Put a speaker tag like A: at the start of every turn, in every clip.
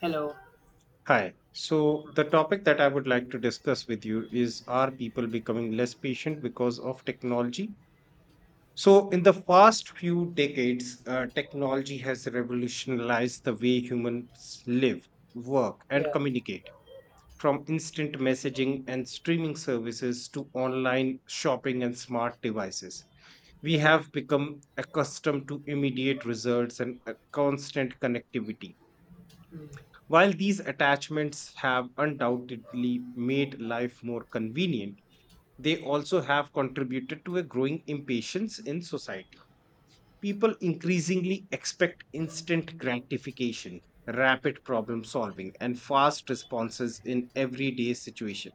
A: Hello.
B: Hi. So, the topic that I would like to discuss with you is, are people becoming less patient because of technology? So, in the past few decades, technology has revolutionized the way humans live, work, and
A: Yeah,
B: communicate. From instant messaging and streaming services to online shopping and smart devices, we
A: yeah,
B: have become accustomed to immediate results and a constant connectivity, while these attachments have undoubtedly made life more convenient, they also have contributed to a growing impatience in society. People increasingly expect instant gratification, rapid problem solving, and fast responses in everyday situations.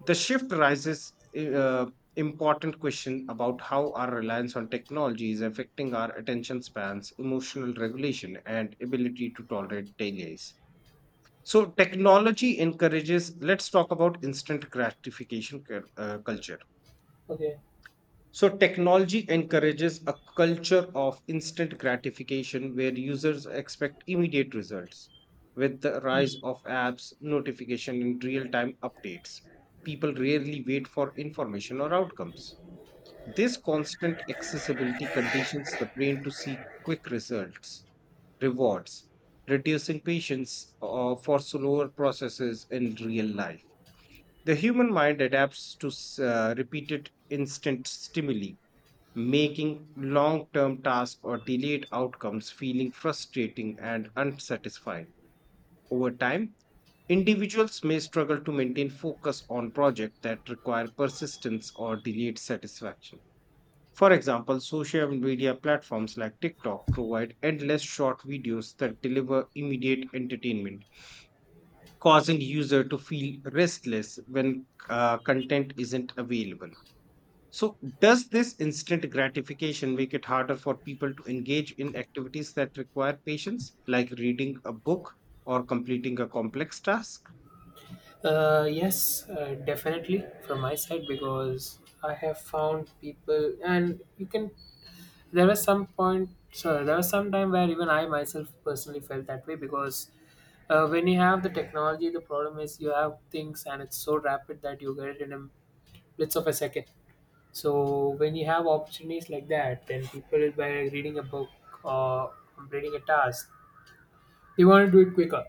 B: The shift raises important question about how our reliance on technology is affecting our attention spans, emotional regulation, and ability to tolerate delays. So technology encourages, let's talk about instant gratification culture.
A: okay.
B: So technology encourages a culture of instant gratification where users expect immediate results. With the rise of apps, notification and real-time updates, people rarely wait for information or outcomes. This constant accessibility conditions the brain to seek quick results, rewards, reducing patience for slower processes in real life. The human mind adapts to repeated instant stimuli, making long term tasks or delayed outcomes feeling frustrating and unsatisfying. Over time, individuals may struggle to maintain focus on projects that require persistence or delayed satisfaction. For example, social media platforms like TikTok provide endless short videos that deliver immediate entertainment, causing user to feel restless when content isn't available. So, does this instant gratification make it harder for people to engage in activities that require patience, like reading a book or completing a complex task?
A: Yes, definitely from my side because I have found people, and you can. There was some point, so there was some time where even I myself personally felt that way because when you have the technology, the problem is you have things and it's so rapid that you get it in a blitz of a second. So when you have opportunities like that, then people by reading a book or completing a task, they want to do it quicker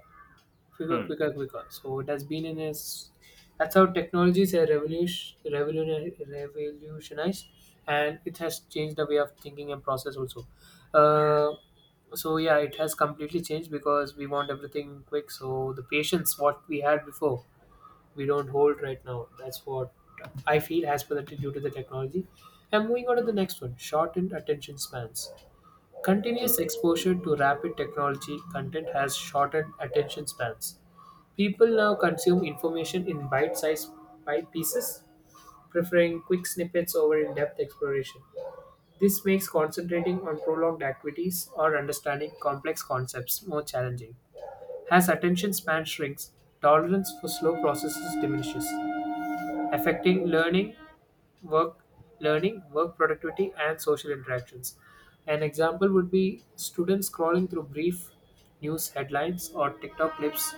A: quicker,
B: Hmm.
A: quicker, quicker. So it has been in its. That's how technologies have revolutionized, and it has changed the way of thinking and process also. Uh, so yeah, it has completely changed because we want everything quick. So the patience what we had before, we don't hold right now. That's what I feel has been due to the technology. And moving on to the next one, shortened attention spans. Continuous exposure to rapid technology content has shortened attention spans. People now consume information in bite sized bite pieces, preferring quick snippets over in depth exploration. This makes concentrating on prolonged activities or understanding complex concepts more challenging. As attention span shrinks, tolerance for slow processes diminishes, affecting work learning, work productivity, and social interactions. An example would be students scrolling through brief news headlines or TikTok clips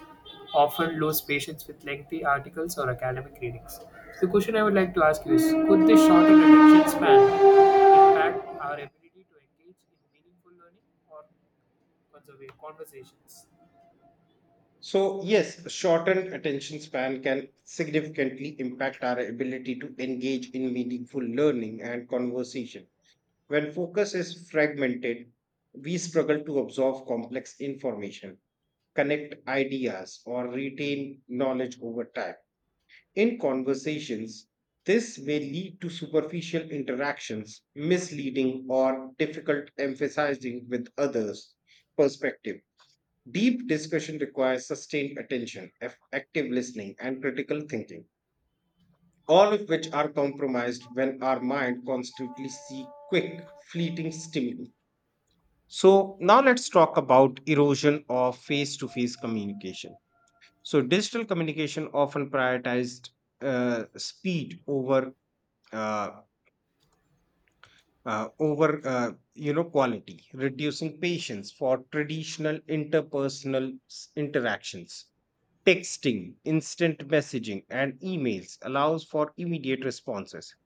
A: often lose patience with lengthy articles or academic readings. So the question I would like to ask you is, could this shorter attention span impact our ability to engage in meaningful learning or conversations?
B: So, yes, shortened attention span can significantly impact our ability to engage in meaningful learning and conversation. When focus is fragmented, we struggle to absorb complex information, connect ideas, or retain knowledge over time. In conversations, this may lead to superficial interactions, misleading or difficult emphasizing with others' perspective. Deep discussion requires sustained attention, active listening, and critical thinking, all of which are compromised when our mind constantly seeks quick, fleeting stimuli. So, now let's talk about erosion of face to face communication. So, digital communication often prioritized speed over uh, quality, reducing patience for traditional interpersonal interactions, texting, instant messaging, and emails allows for immediate responses,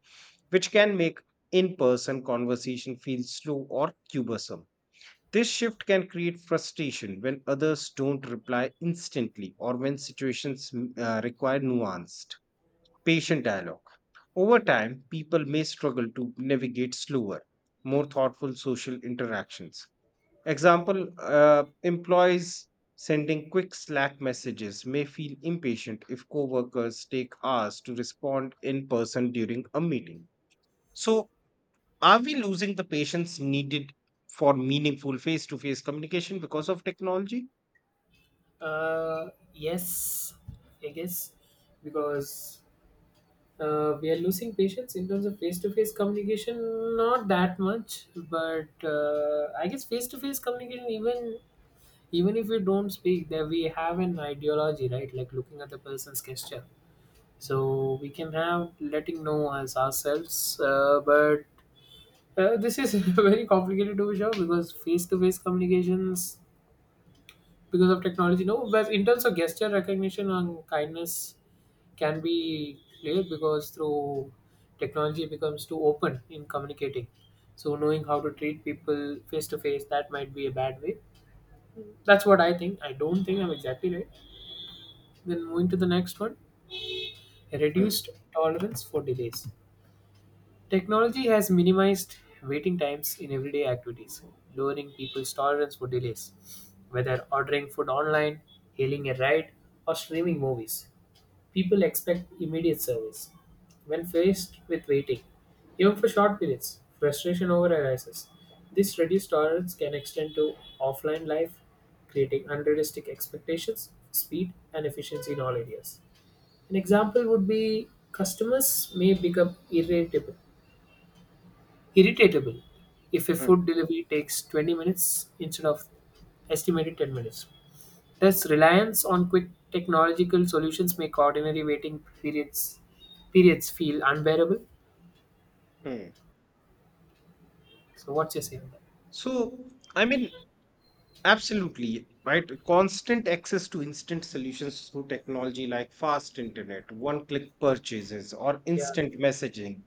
B: which can make in-person conversation feel slow or cumbersome. This shift can create frustration when others don't reply instantly or when situations require nuanced, patient dialogue. Over time, people may struggle to navigate slower, more thoughtful social interactions. Example, employees sending quick Slack messages may feel impatient if coworkers take hours to respond in person during a meeting. So, are we losing the patience needed for meaningful face to face communication because of technology?
A: Uh, yes, I guess because we are losing patience in terms of face-to-face communication, not that much, but I guess face-to-face communication, even if we don't speak there, we have an ideology, right? Like looking at the person's gesture, so we can have letting know as ourselves, but this is very complicated to be sure, because face-to-face communications because of technology, no, but in terms of gesture recognition and kindness, can be clear because through technology becomes too open in communicating, so knowing how to treat people face to face, that might be a bad way. That's what I think. I don't think I'm exactly right. Then moving to the next one,
B: Mm,
A: reduced tolerance for delays. Technology has minimized waiting times in everyday activities, lowering people's tolerance for delays, whether ordering food online, hailing a ride, or streaming movies. People expect immediate service. When faced with waiting, even for short periods, frustration over arises. This reduced tolerance can extend to offline life, creating unrealistic expectations, speed, and efficiency in all areas. An example would be customers may become irritatable if a
B: mm,
A: food delivery takes 20 minutes instead of estimated 10 minutes. Thus, reliance on quick technological solutions make ordinary waiting periods periods feel unbearable.
B: mm.
A: So, what's your say on that?
B: So, I mean, absolutely, right? Constant access to instant solutions through technology like fast internet, one-click purchases, or
A: Yeah,
B: instant messaging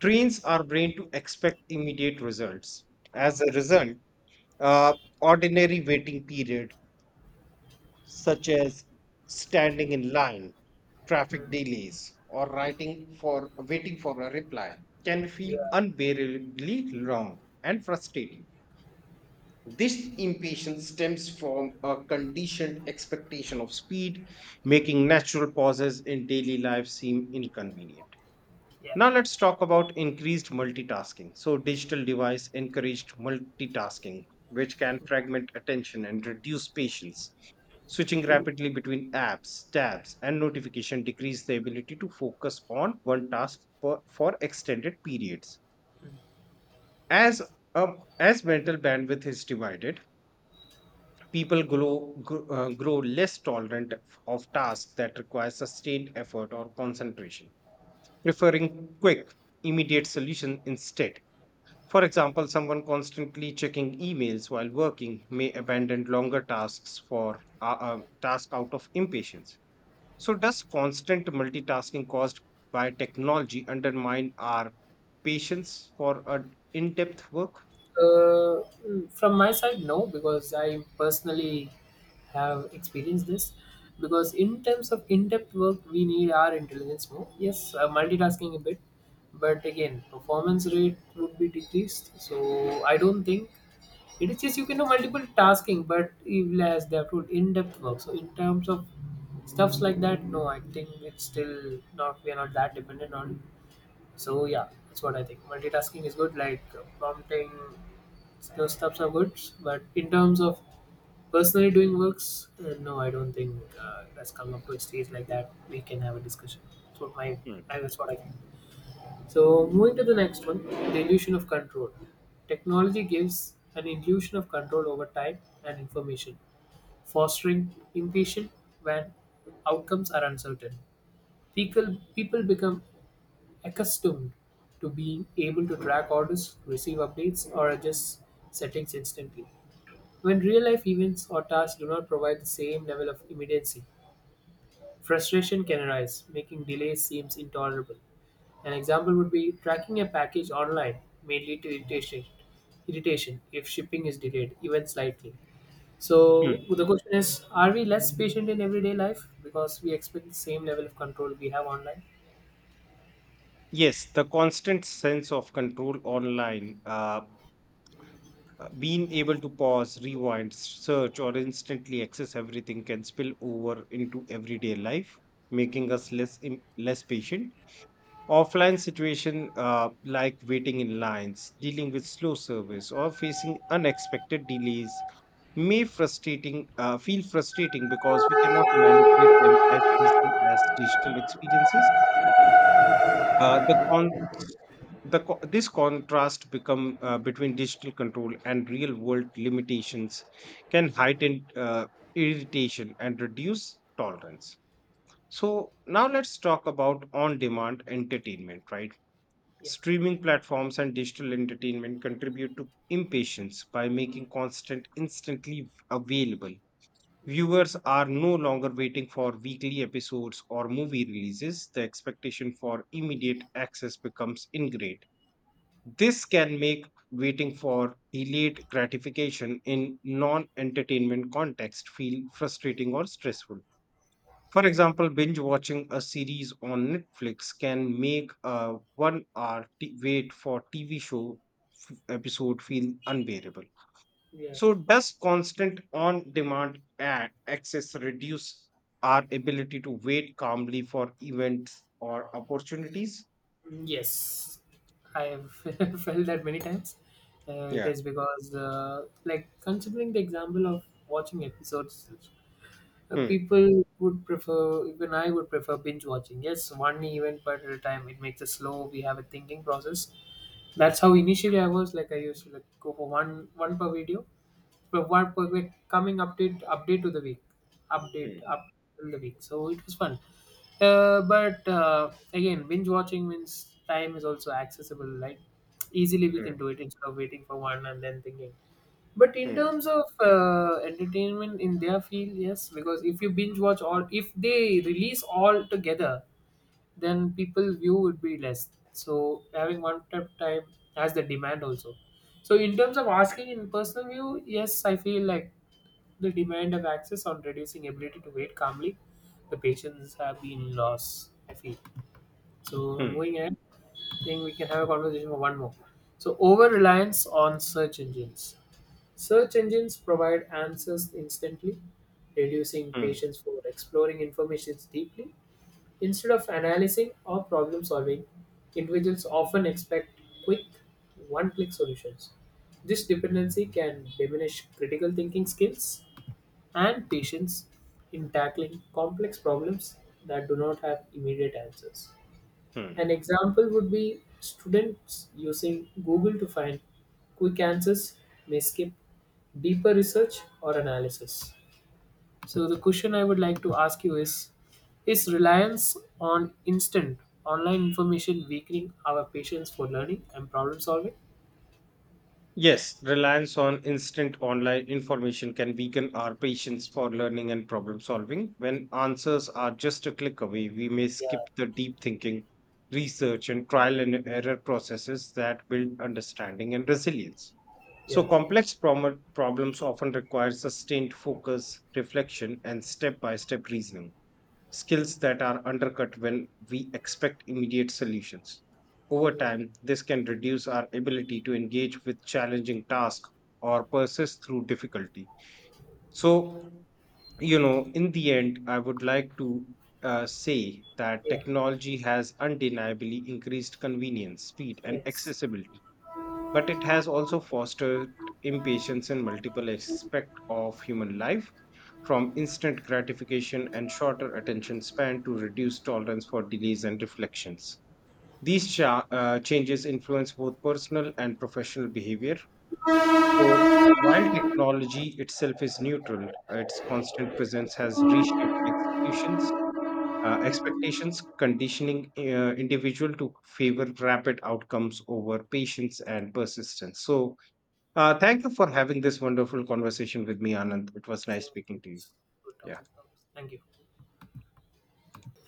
B: trains our brain to expect immediate results. As a result, uh, ordinary waiting period such as standing in line, traffic
A: mm,
B: delays, or writing for waiting for a reply, can feel
A: yeah,
B: unbearably long and frustrating. This impatience stems from a conditioned expectation of speed, making natural pauses in daily life seem inconvenient.
A: yeah.
B: Now let's talk about increased multitasking. So digital device encouraged multitasking, which can fragment attention and reduce patience. Switching rapidly between apps, tabs, and notification decrease the ability to focus on one task for extended periods. As as mental bandwidth is divided, grow less tolerant of tasks that require sustained effort or concentration, preferring quick, immediate solution instead. For example, someone constantly checking emails while working may abandon longer tasks for task out of impatience. So, does constant multitasking caused by technology undermine our patience for in-depth work?
A: Uh, from my side, no, because I personally have experienced this. Because in terms of in-depth work, we need our intelligence more. Yes, multitasking a bit, but again, performance rate would be decreased. So I don't think it is just you can do multiple tasking, but even less they have to do in-depth work, so in terms of stuffs like that, no, I think it's still not, we are not that dependent on it. So yeah, that's what I think. Multitasking is good, like prompting those stuffs are good, but in terms of personally doing works, no, I don't think that's come up to a stage like that we can have a discussion. So my,
B: Hmm.
A: I, that's what I think. So, moving to the next one, the illusion of control. Technology gives an illusion of control over time and information, fostering impatience when outcomes are uncertain. People become accustomed to being able to track orders, receive updates, or adjust settings instantly. When real life events or tasks do not provide the same level of immediacy, frustration can arise, making delays seem intolerable. An example would be tracking a package online may lead to irritation if shipping is delayed, even slightly. So
B: Hmm.
A: the question is, are we less patient in everyday life because we expect the same level of control we have online?
B: Yes, the constant sense of control online being able to pause, rewind, search, or instantly access everything can spill over into everyday life, making us less patient. Offline situation like waiting in lines, dealing with slow service, or facing unexpected delays may frustrating feel frustrating because we cannot manipulate them as easily as digital experiences. The con- the co- This contrast become between digital control and real world limitations can heighten irritation and reduce tolerance. So now let's talk about on demand entertainment, right?
A: Yeah,
B: Streaming platforms and digital entertainment contribute to impatience by making constant instantly available. Viewers are no longer waiting for weekly episodes or movie releases. The expectation for immediate access becomes ingrained. This can make waiting for delayed gratification in non entertainment context feel frustrating or stressful. For
A: yeah,
B: example, binge watching a series on Netflix can make a 1 hour wait for TV show episode feel unbearable.
A: yeah.
B: So, does constant on demand access reduce our ability to wait calmly for events or opportunities?
A: Yes, I have felt that many times. It
B: Yeah.
A: is because, like, considering the example of watching episodes,
B: Hmm,
A: people would prefer, even I would prefer binge watching. Yes, one event per at a time. It makes us slow. We have a thinking process. That's how initially I was like. I used to like go for one per video, provide perfect coming update to the week, update
B: hmm,
A: up till the week, so it was fun. But again, binge watching means time is also accessible, like easily we
B: hmm,
A: can do it instead of waiting for one and then thinking. But in
B: hmm,
A: terms of entertainment in their field, yes, because if you binge watch all, if they release all together, then people view would be less. So having one step time has the demand also. So in terms of asking in personal view, yes, I feel like the demand of access on reducing ability to wait calmly, the patients have been lost. I feel so.
B: hmm,
A: Moving ahead, I think we can have a conversation for one more. So over reliance on search engines. Search engines provide answers instantly, reducing
B: hmm,
A: patience for exploring information deeply. Instead of analyzing or problem solving, individuals often expect quick, one click solutions. This dependency can diminish critical thinking skills and patience in tackling complex problems that do not have immediate answers.
B: hmm.
A: An example would be students using Google to find quick answers may skip deeper research or analysis. So, the question I would like to ask you is reliance on instant online information weakening our patience for learning and problem solving?
B: Yes, reliance on instant online information can weaken our patience for learning and problem solving. When answers are just a click away, we may
A: Yeah,
B: skip the deep thinking, research, and trial and error processes that build understanding and resilience. So,
A: yeah,
B: complex problems often require sustained focus, reflection, and step by step reasoning, skills that are undercut when we expect immediate solutions. Over
A: mm,
B: time, this can reduce our ability to engage with challenging tasks or persist through difficulty. So, you know, in the end, I would like to say that
A: yeah,
B: technology has undeniably increased convenience, speed, and
A: yes.
B: accessibility, but it has also fostered impatience in multiple aspects of human life, from instant gratification and shorter attention span to reduced tolerance for delays and reflections. These changes influence both personal and professional behavior. So, while technology itself is neutral, its constant presence has reshaped executions, expectations, conditioning individual to favor rapid outcomes over patience and persistence. So, thank you for having this wonderful conversation with me, Anand. It was nice
A: Same with
B: speaking
A: you.
B: to you.
A: Good
B: Yeah.
A: topic. Thank you.